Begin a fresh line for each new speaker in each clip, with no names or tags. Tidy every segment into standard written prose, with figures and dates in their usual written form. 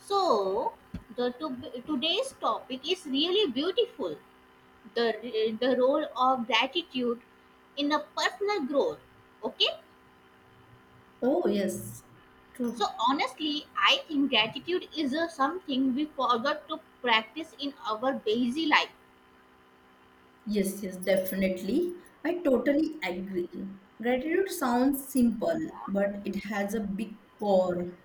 So, the to, Today's topic is really beautiful. The role of gratitude in a personal growth. Okay.
Oh, yes. True.
So honestly, I think gratitude is a something we forgot to practice in our busy life.
Yes, definitely. I totally agree. Gratitude sounds simple, but it has a big power.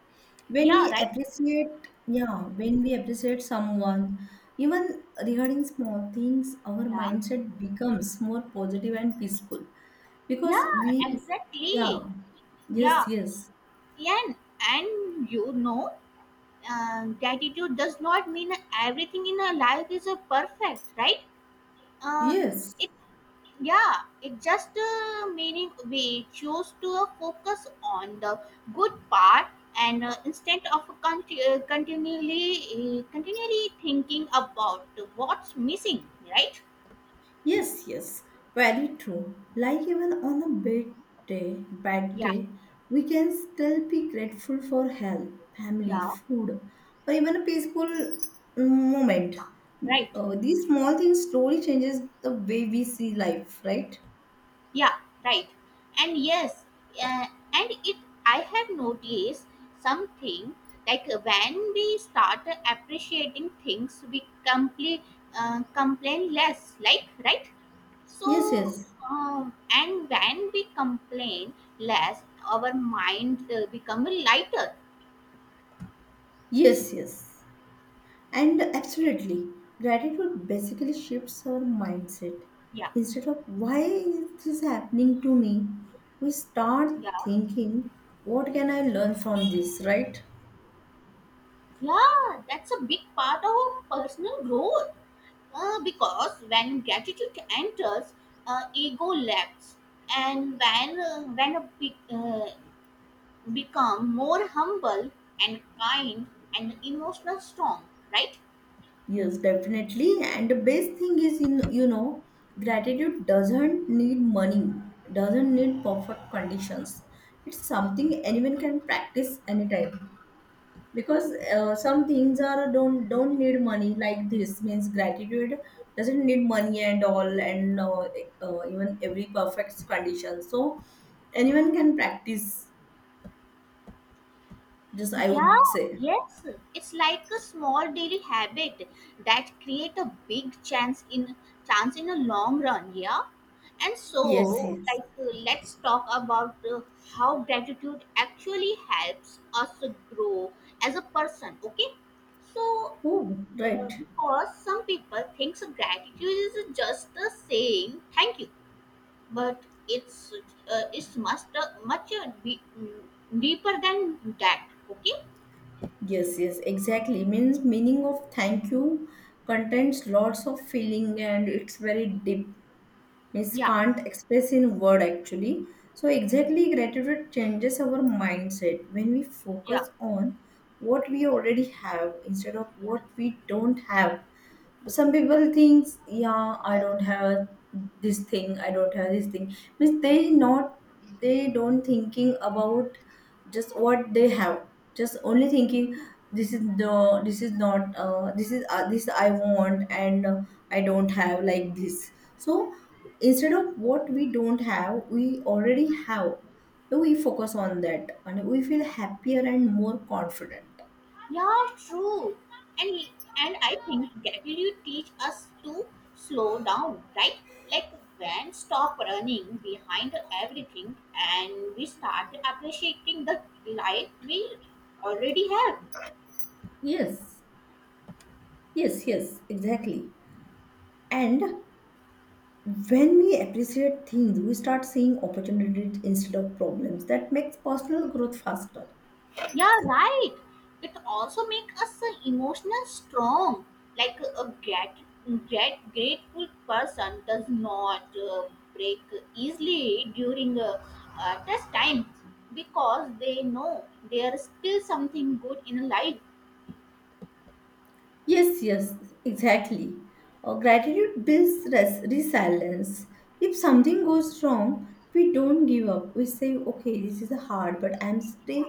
When
Yeah.
we
Right.
appreciate, someone, even regarding small things, our
Yeah.
mindset becomes more positive and peaceful because
Yeah.
we, yeah,
Exactly.
yes,
Yeah.
yes,
And and you know, gratitude does not mean everything in our life is a perfect, right? Uh,
yes.
it yeah it's just meaning we choose to focus on the good part, and instead of continually thinking about what's missing, right?
Yes, very true. Like even on a bad day, bad
Yeah.
day, we can still be grateful for health, family,
Yeah,
food, or even a peaceful moment.
right.
These small things slowly changes the way we see life, right?
Yeah, right. And yes, uh, and it I have noticed something, like when we start appreciating things, we complain less. Like, right.
Yes,
So,
yes,
and when we complain less, our mind become lighter.
yes. And absolutely, gratitude basically shifts our mindset.
Yeah,
Instead of why is this happening to me, we start
yeah.
thinking, what can I learn from this, right?
Yeah, that's a big part of personal growth. Because when gratitude enters, ego lacks, and when a be- become more humble and kind and emotional strong, right?
Yes, definitely. And the best thing is, gratitude doesn't need money, doesn't need perfect conditions. It's something anyone can practice anytime. Because some things are don't need money, like this means gratitude doesn't need money and all, and even every perfect condition, so anyone can practice this, I
Yeah,
would say.
yes. It's like a small daily habit that create a big chance in a long run, yeah. And
yes
so,
yes
like, let's talk about how gratitude actually helps us to grow as a person, okay? So,
Oh, right.
because some people thinks gratitude is just the saying thank you, but it's it's much deeper than that, okay?
Yes, exactly, means meaning of thank you contains lots of feeling and it's very deep, means
Yeah.
can't express in word actually. So exactly, gratitude changes our mindset when we
Yeah,
focus on what we already have instead of
yeah,
what we don't have. Some people thinks, yeah, I don't have this thing, I don't have this thing, means they not, they don't thinking about just what they have, just only thinking this is not, this is, this I want, and I don't have like this. So instead of what we don't have, we already have, so we focus on that and we feel happier and more confident.
yeah. True, and I think gratitude teach us to slow down, right? Like when stop running behind everything and we start appreciating the life we already have.
Yes yes yes exactly. And when we appreciate things, we start seeing opportunities instead of problems. That makes personal growth faster.
Yeah, right. It also makes us an emotional strong. Like a great grateful person does not break easily during a test time because they know there is still something good in life.
Yes, exactly. Gratitude builds resilience. If something goes wrong, we don't give up, we say okay, this is hard but I'm still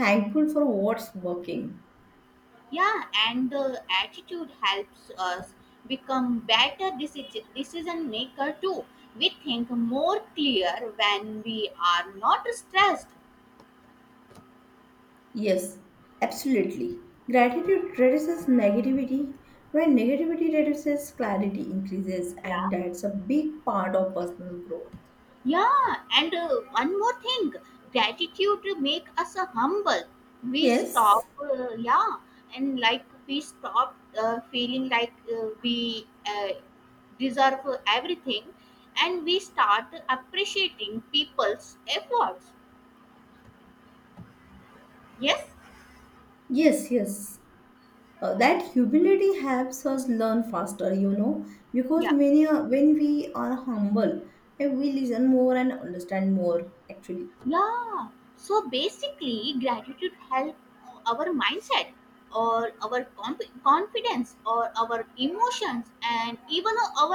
thankful for what's working.
Yeah, and the attitude helps us become better decision maker too. We think more clear when we are not stressed.
Yes, absolutely. Gratitude reduces negativity. When negativity reduces, clarity increases, and
Yeah.
that's a big part of personal growth.
Yeah, and one more thing, gratitude make us humble. We
Yes,
stop, yeah, and like we stop feeling like we deserve everything, and we start appreciating people's efforts. Yes,
yes. That humility helps us learn faster, because
yeah.
when we are humble, and we listen more and understand more, actually.
Yeah. So basically, gratitude help our mindset or our confidence or our emotions and even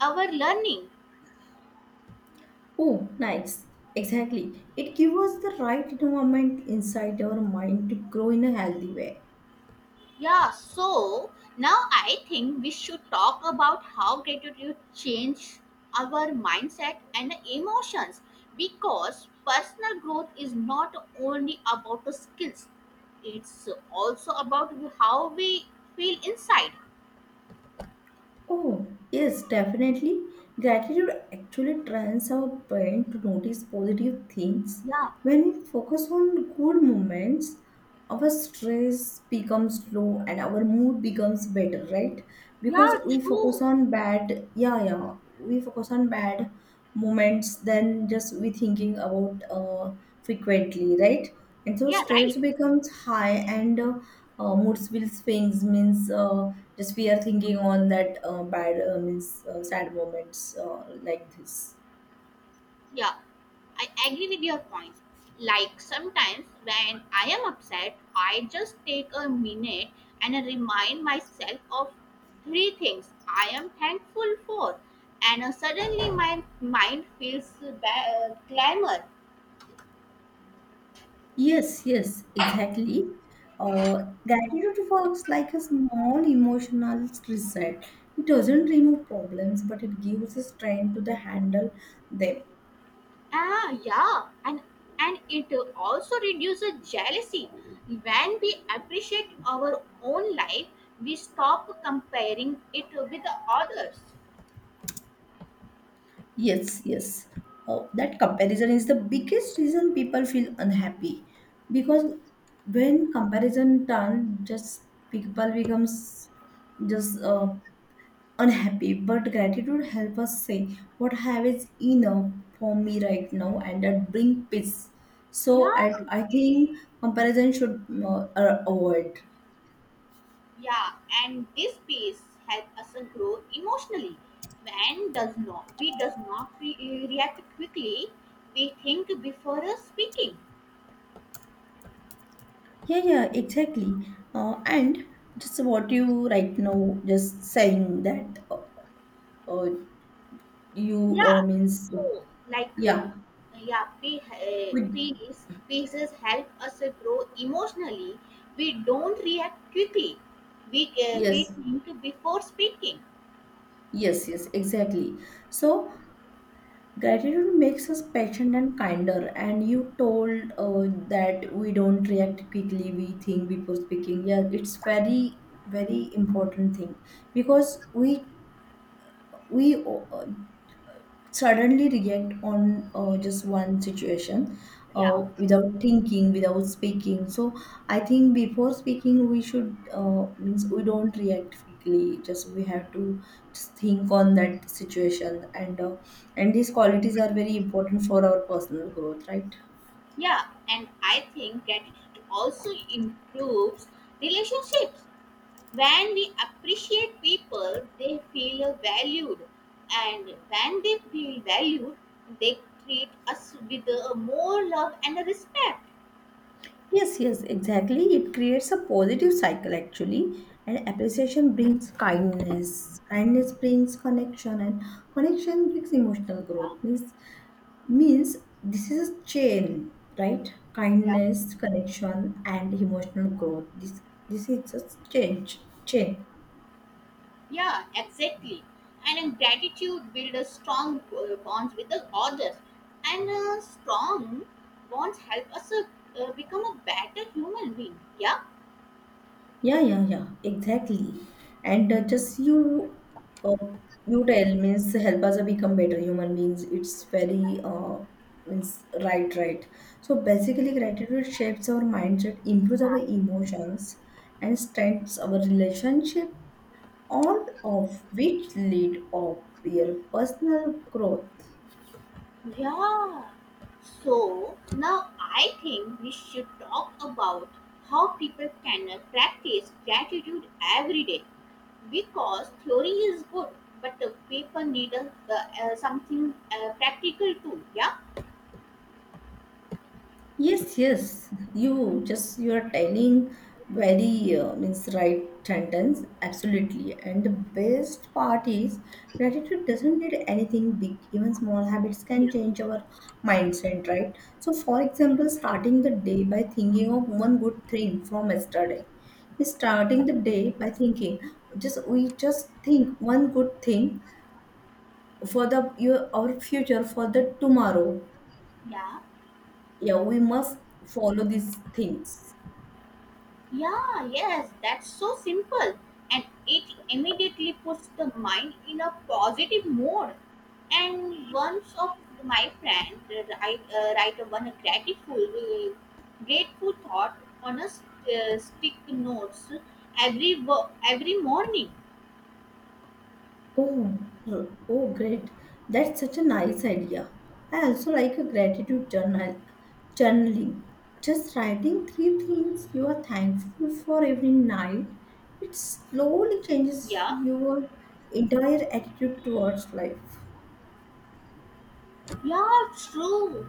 our learning.
Oh, nice. Exactly. It gives us the right environment inside our mind to grow in a healthy way.
Yeah. So now I think we should talk about how gratitude change our mindset and emotions, because personal growth is not only about the skills, it's also about how we feel inside.
Oh, yes, definitely. Gratitude actually trains our brain to notice positive things.
Yeah.
When we focus on good moments, our stress becomes low and our mood becomes better, right? Because
Yeah,
we focus
true.
on bad, we focus on bad moments than just we thinking about frequently, right? And so
Yeah,
stress
right.
becomes high, and moods will swings, means just we are thinking on that bad, means, sad moments, like this.
Yeah, I agree with your point. Like sometimes when I am upset, I just take a minute and I remind myself of three things I am thankful for, and suddenly my mind feels clamor.
Yes, exactly. Uh, gratitude works like a small emotional reset. It doesn't remove problems, but it gives a strength to the handle them.
Ah, yeah, and it also reduces jealousy. When we appreciate our own life, we stop comparing it with the others.
Yes. Oh, that comparison is the biggest reason people feel unhappy, because when comparison turn, just people becomes just unhappy. But gratitude help us say what I have is enough for me right now, and that bring peace. So I,
Yeah.
I think comparison should avoid.
Yeah, and this piece helps us grow emotionally. When does not react quickly, we think before speaking.
Yeah, exactly. And just what you right now just saying that. Uh, you
Yeah,
means
so like
Yeah, we-
piece pieces help us grow emotionally. We don't react quickly. We
yes
think before speaking.
yes, exactly. So gratitude makes us patient and kinder, and you told that we don't react quickly, we think before speaking. Yeah, it's very important thing, because we suddenly react on just one situation uh,
Yeah,
without thinking, without speaking. So I think before speaking we should, means we don't react quickly, just we have to just think on that situation, and these qualities are very important for our personal growth, right?
yeah, and I think that it also improves relationships. When we appreciate people, they feel valued, and when they feel valued, they treat us with more love and respect.
Yes, exactly. It creates a positive cycle actually. And appreciation brings kindness, kindness brings connection, and connection brings emotional growth.
Yeah,
Means this is a chain, right?
yeah,
Kindness, connection, and emotional growth, this is a change chain
yeah, exactly. And in gratitude builds a strong bonds with the others, and strong bonds help us become a better human being. Yeah.
Yeah, exactly. And just you uh, you tell means help us become better human beings, it's very, means right, right. So basically, gratitude shapes our mindset, improves our emotions, and strengthens our relationship, all of which lead of your personal growth.
Yeah. So now I think we should talk about how people can practice gratitude every day, because theory is good, but the people need something practical too. Yeah.
Yes. You are telling very, means right sentence, absolutely. And the best part is gratitude doesn't need anything big. Even small habits
Yeah.
can change our mindset, right? So, for example, starting the day by thinking of one good thing from yesterday. Starting the day by thinking, just we just think one good thing for the your our future, for the tomorrow,
Yeah.
yeah, we must follow these things.
Yeah, yes, that's so simple. And it immediately puts the mind in a positive mode. And once of my friend write one grateful thought on a stick notes every morning.
Oh, oh, great. That's such a nice idea. I also like a gratitude journal, journaling. Just writing three things you are thankful for every night. It slowly changes
Yeah.
your entire attitude towards life.
Yeah, true.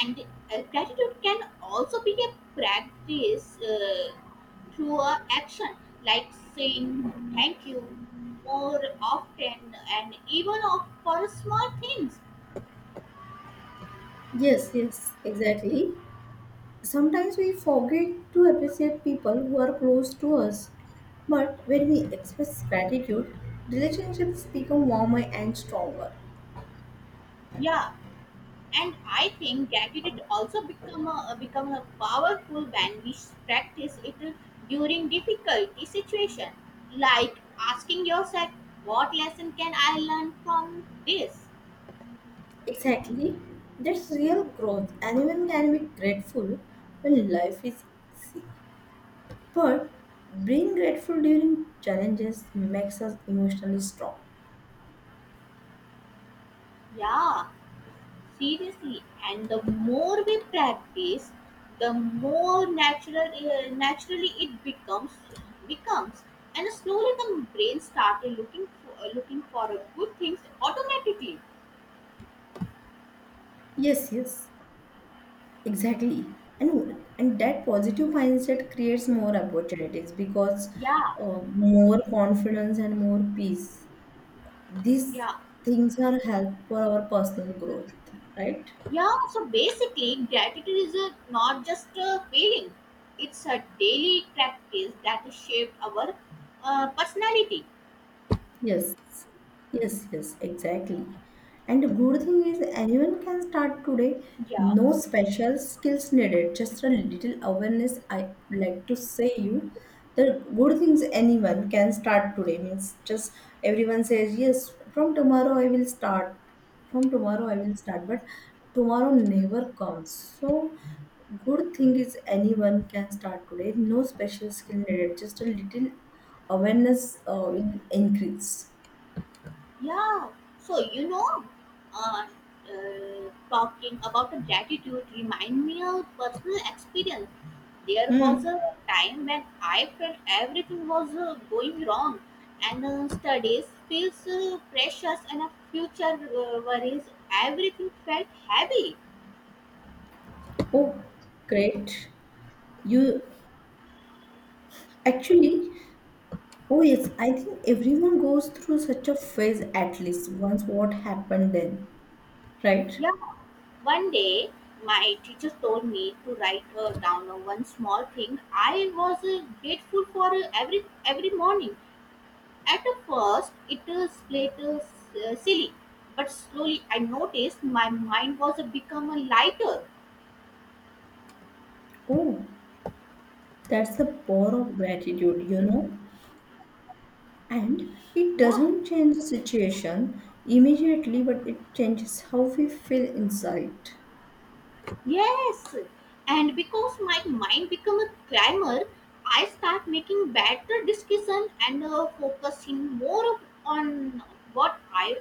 And gratitude can also be a practice through a action, like saying thank you more often and even of for small things.
Yes, exactly. Sometimes we forget to appreciate people who are close to us. But when we express gratitude, relationships become warmer and stronger.
Yeah, and I think gratitude also become a powerful when we practice it during difficult situation, like asking yourself, what lesson can I learn from this?
Exactly. That's real growth. Anyone can be grateful when life is easy. But being grateful during challenges makes us emotionally strong.
Yeah. Seriously, and the more we practice, the more naturally it becomes, and slowly the brain started looking for a good things automatically.
Yes. Exactly. And that positive mindset creates more opportunities because
Yeah,
more confidence and more peace. These
yeah,
things are help for our personal growth, right?
yeah. So basically, gratitude is not just a feeling; it's a daily practice that shaped our personality.
Yes, yes, exactly. And the good thing is anyone can start today.
Yeah.
No special skills needed, just a little awareness. I like to say you the good things anyone can start today, means just everyone says yes, from tomorrow I will start. From tomorrow I will start, but tomorrow never comes. So good thing is anyone can start today. No special skill needed, just a little awareness will increase.
Yeah. So you know, uh, talking about the gratitude remind me of personal experience. There was
Hmm.
a time when I felt everything was going wrong, and studies feels precious, and a future worries. Everything felt heavy.
Oh, great. You actually, oh yes, I think everyone goes through such a phase at least once. What happened then, right?
Yeah. One day, my teacher told me to write down one small thing I was grateful for every morning. At first, it is later silly, but slowly I noticed my mind was a become a lighter.
Oh, that's the power of gratitude, you know? And it
Yeah,
doesn't change the situation immediately, but it changes how we feel inside.
yes, and because my mind become a climber, I start making better decision and focusing more on what I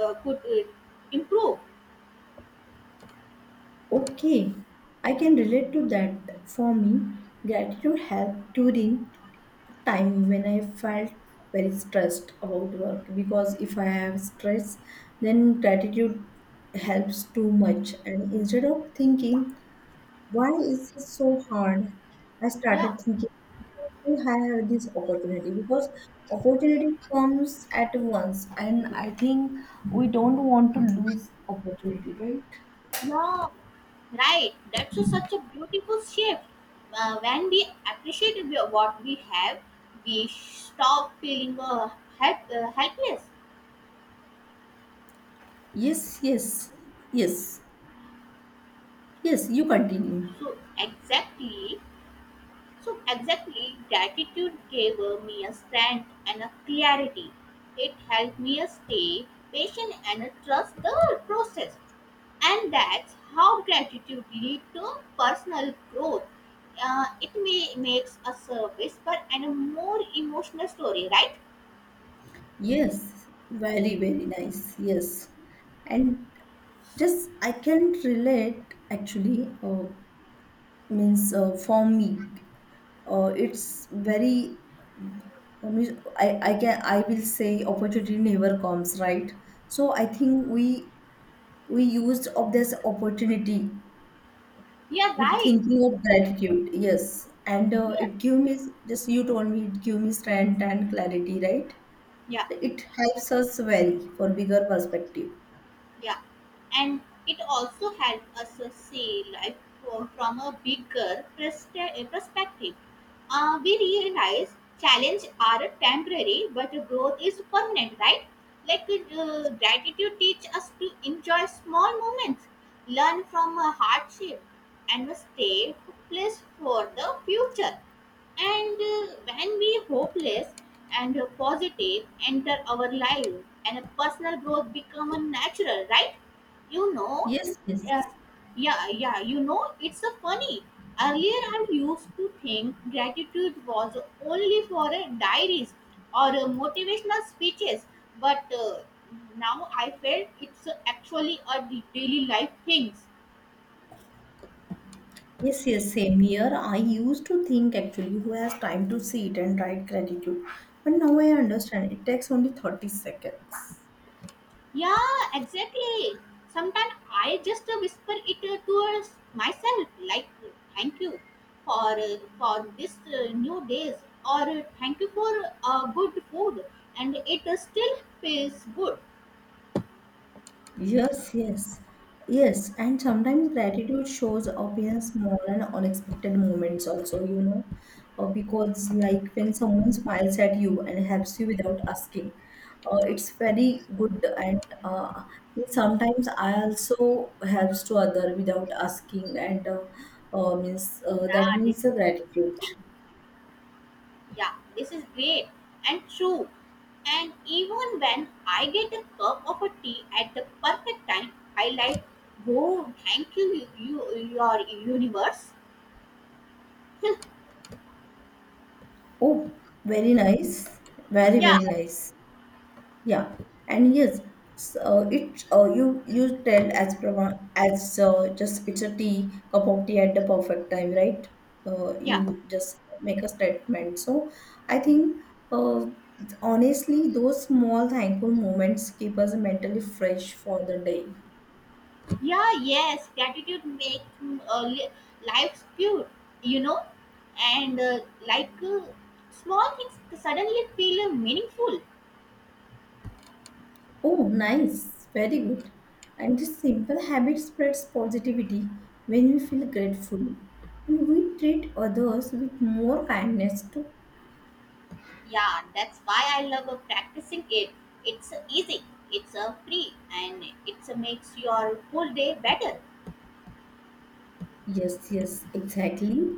could improve.
Okay, I can relate to that. For me, gratitude helped during time when I felt very stressed about work, because if I have stress, then gratitude helps too much. And instead of thinking, why is it so hard? I
Yeah.
started thinking, "Why I have this opportunity, because opportunity comes at once, and I think we don't want to lose opportunity, right?
Yeah, right. That's such a beautiful shift. When we appreciate what we have, we stop feeling helpless.
Yes, yes, yes, yes. You continue.
So exactly, so exactly, gratitude gave me a strength and a clarity. It helped me stay patient and trust the process. And that's how gratitude leads to personal growth. It may makes a service but and a more emotional story, right?
Yes, very nice. Yes. And just I can relate actually, means for me, it's very, I can, I will say opportunity never comes, right? So I think we used of this opportunity
Yeah,
with
right.
thinking of gratitude. Yes. And
Yeah,
it give me, just you told me it give me strength and clarity, right?
yeah.
So it helps us very for bigger perspective.
Yeah, and it also helped us see life from a bigger perspective. We realize challenges are temporary, but growth is permanent, right? Like gratitude teach us to enjoy small moments, learn from a hardship, and stay placed for the future. And when we hopeless and positive enter our life, and personal growth become a natural, right? You know,
Yes.
uh, yeah, yeah. You know, it's a funny. Earlier, I used to think gratitude was only for diaries or motivational speeches, but now I felt it's actually a daily life things.
Yes, same here. I used to think actually who has time to sit and write gratitude. But now I understand it takes only 30 seconds.
Yeah, exactly. Sometimes I just whisper it to myself, like, "Thank you for this new days," or "Thank you for good food," and it still feels good.
Yes, yes, yes. And sometimes gratitude shows up in small and unexpected moments, also, you know, because like when someone smiles at you and helps you without asking, it's very good. And sometimes I also helps to other without asking, and means that
Yeah, this
means the
is
gratitude.
great. Yeah, this is great and true. And even when I get a cup of a tea at the perfect time, I like, "Whoa, thank you, you your universe."
Oh, very nice, very
Yeah,
very nice. Yeah, and yes, it you you tell as prava as, just it's a tea, cup of tea, at the perfect time, right?
yeah.
You just make a statement. So I think, uh, honestly, those small thankful moments keep us mentally fresh for the day.
Yeah, yes, gratitude makes life pure, you know, and like uh, small things suddenly feel meaningful.
Oh, nice, very good. And this simple habit spreads positivity when we feel grateful, and we treat others with more kindness too.
Yeah, that's why I love practicing it. It's easy, it's free, and it's makes your whole day better.
Yes, exactly.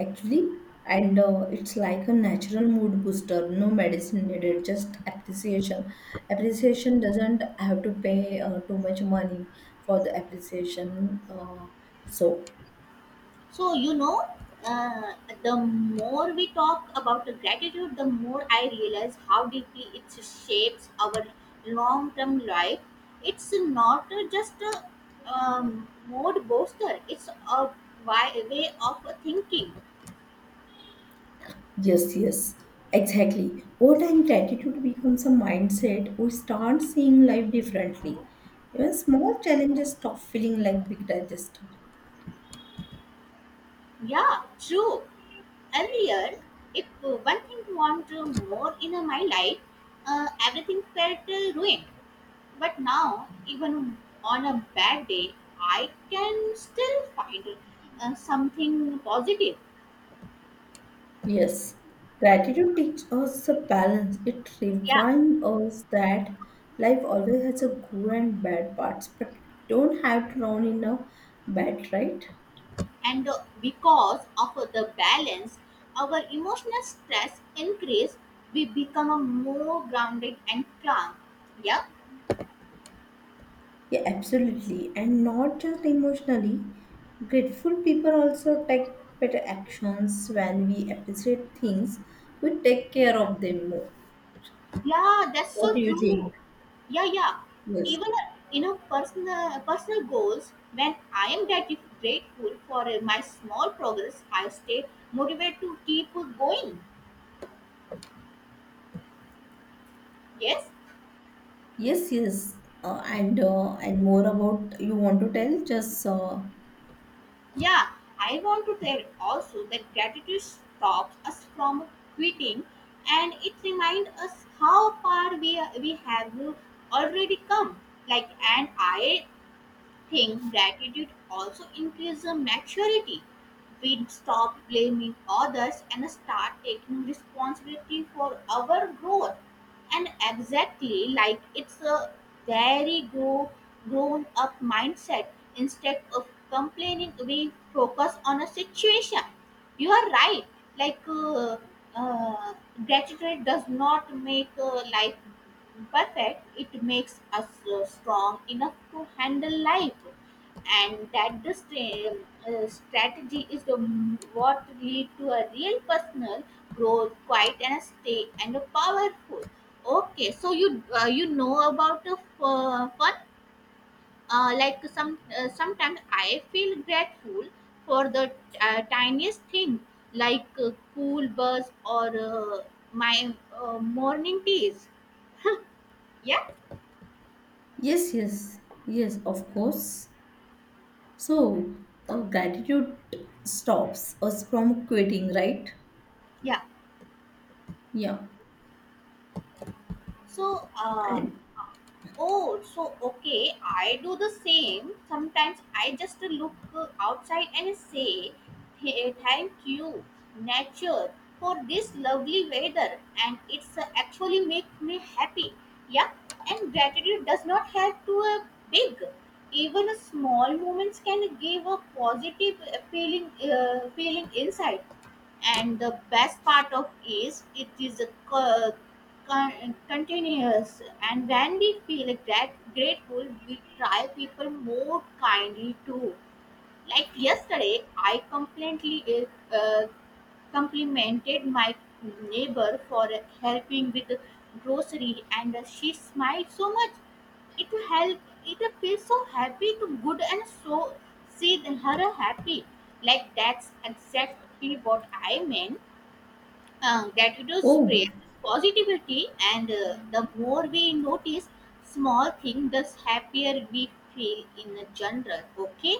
Actually, and it's like a natural mood booster. No medicine needed, just appreciation. Appreciation doesn't have to pay too much money for the appreciation. So,
So, you know, uh, the more we talk about the gratitude, the more I realize how deeply it shapes our long term life. It's not just a mode booster, it's a way of thinking.
yes, exactly. Over time, gratitude becomes a mindset. We start seeing life differently. Even small challenges stop feeling like big digest.
Yeah, true. Earlier, if one thing want more in my life, everything felt ruined. But now, even on a bad day, I can still find something positive.
Yes, gratitude teaches us the balance. It
Yeah,
reminds us that life always has a good and bad parts, but don't have to drown in a bad, right?
and because of the balance, our emotional stress increase. We become a more grounded and calm. Yeah,
Yeah, absolutely. And not just emotionally, grateful people also take better actions. When we appreciate things, we take care
yeah,
of them more.
yeah. That's
What
so
do you think?
true. Yeah, yeah.
Yes.
Even you know, personal goals. When I am grateful for my small progress, I stay motivated to keep going. Yes,
Yes. And more about you want to tell just
yeah, I want to tell also that gratitude stops us from quitting, and it reminds us how far we have already come. Like, and I think gratitude also increases the maturity. We stop blaming others and start taking responsibility for our growth. And exactly, like it's a very grown up mindset. Instead of complaining, we focus on a situation. You are right. Like uh, gratitude does not make life perfect, it makes us strong enough to handle life, and that the strategy is what lead to a real personal growth, quite and stay and a powerful. Okay, so you you know about the fun, sometimes I feel grateful for the tiniest thing, like cool buzz or my morning teas, yeah,
Yes, yes, yes, of course. So, gratitude stops us from quitting, right?
yeah.
Yeah.
so uh,
And
Oh, so okay. I do the same. Sometimes I just look outside and say, "Hey, thank you, nature, for this lovely weather," and it's actually make me happy. Yeah, and gratitude does not have to big. Even a small moments can give a positive feeling inside. And the best part of is it is a continuous, and when we feel grateful, we try people more kindly too. Like yesterday I completely uh, complimented my neighbor for helping with the grocery, and she smiled so much. It help it feels so happy to good and so see her happy. Like that's exactly what I meant. Gratitude spread
oh,
positivity, and the more we notice small things, the happier we feel in the general. Okay,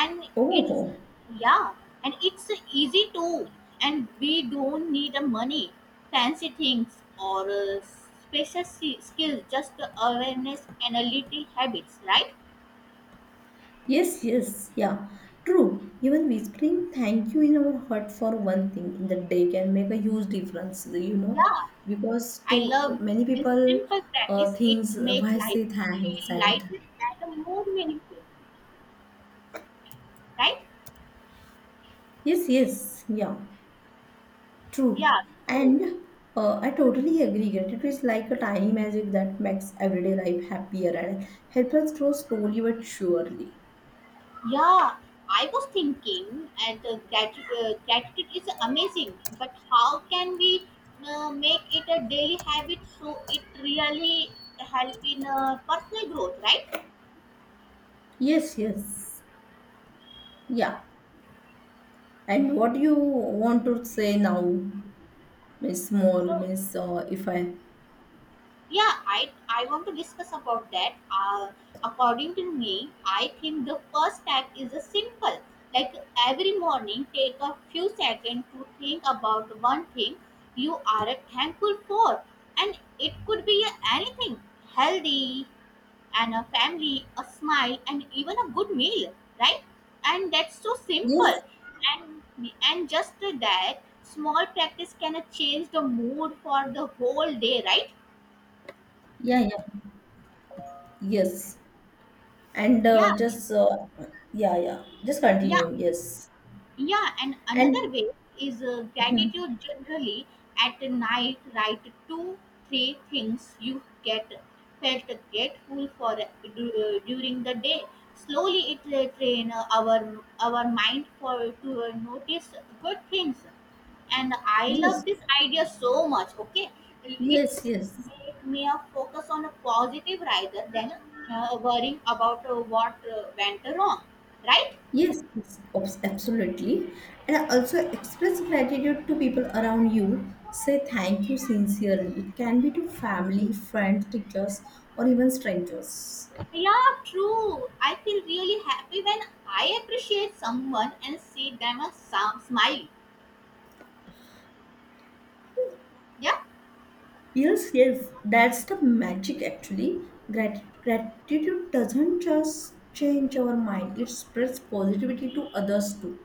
and it's
oh,
yeah, and it's easy too, and we don't need the money, fancy things or skills, just the awareness and a little habits, right?
yes, yeah. True. Even whispering thank you in our heart for one thing in the day can make a huge difference, you know,
Yeah,
because
I
to
love
many
this
people,
simple practice. It
things
makes
why
life
say thanks.
feel
And
lighter and more meaningful, right?
yes, yeah. True.
Yeah, so
And I totally agree. Gratitude is like a tiny magic that makes everyday life happier and helps us grow slowly but surely.
yeah, I was thinking, and gratitude is amazing, but how can we make it a daily habit so it really help in personal growth, right?
Yes. Yeah. And what do you want to say now, Miss Moore,
So
Miss if I
yeah, I want to discuss about that. According to me, I think the first step is a simple, like every morning take a few seconds to think about one thing you are thankful for, and it could be anything, healthy and a family, a smile, and even a good meal, right? And that's so simple.
Yes.
And just that small practice can change the mood for the whole day, right?
Yeah. Yes. And
Yeah.
just yeah. Just
Yeah,
continue. Yes.
yeah, and another
And
way is gratitude generally at night. Write two, three things you get felt grateful for during the day. Slowly, it train our mind for to notice good things, and I
yes.
love this idea so much. Okay,
Yes,
it's
yes.
make me a focus on a positive rather than worrying about what went wrong, right?
Yes, absolutely. And also express gratitude to people around you. Say thank you sincerely. It can be to family, friends, teachers, or even strangers.
Yeah, true. I feel really happy when I appreciate someone and see them a some smile. Yeah,
Yes, that's the magic actually. Gratitude doesn't just change our mind, it spreads positivity to others too.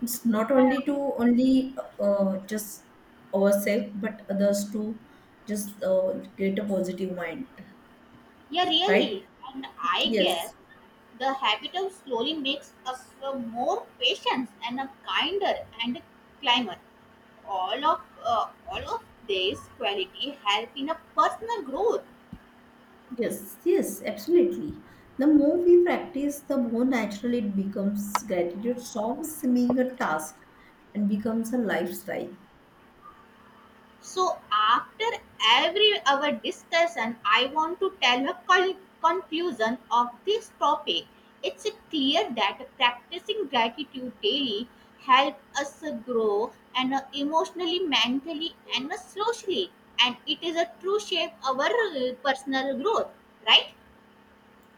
It's not only to only just ourselves, but others to just create a positive mind,
yeah,
right?
really. And I guess
Yes,
the habit of slowly makes us a more patient and a kinder and a climber. All of these quality help in a personal growth.
yes, absolutely. The more we practice, the more natural it becomes. Gratitude stops being a task and becomes a lifestyle.
So, after every our discussion, I want to tell a conclusion of this topic. It's clear that practicing gratitude daily help us grow and emotionally, mentally, and socially, and it is a true shape our personal growth. Right?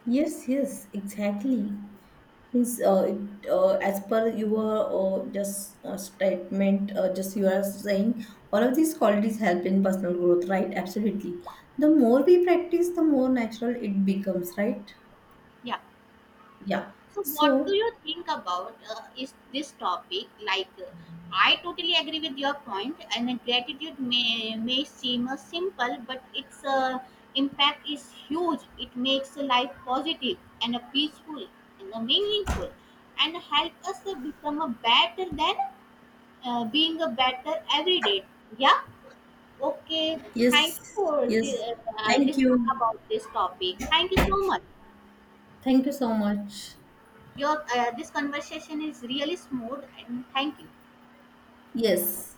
Yes, exactly. Means, it, as per your just statement, just you are saying, all of these qualities help in personal growth, right? Absolutely. The more we practice, the more natural it becomes, right?
Yeah.
Yeah.
So, what do
So,
you think about is this topic? Like, I totally agree with your point, and gratitude may seem simple, but its impact is huge. It makes life positive and peaceful and meaningful, and help us become a better than being a better every day. Yeah. Okay.
yes,
Thank you for
yes.
the,
Thank you.
discuss about this topic. Thank you so much.
Thank you so much.
Your this conversation is really smooth, and thank you.
Yes.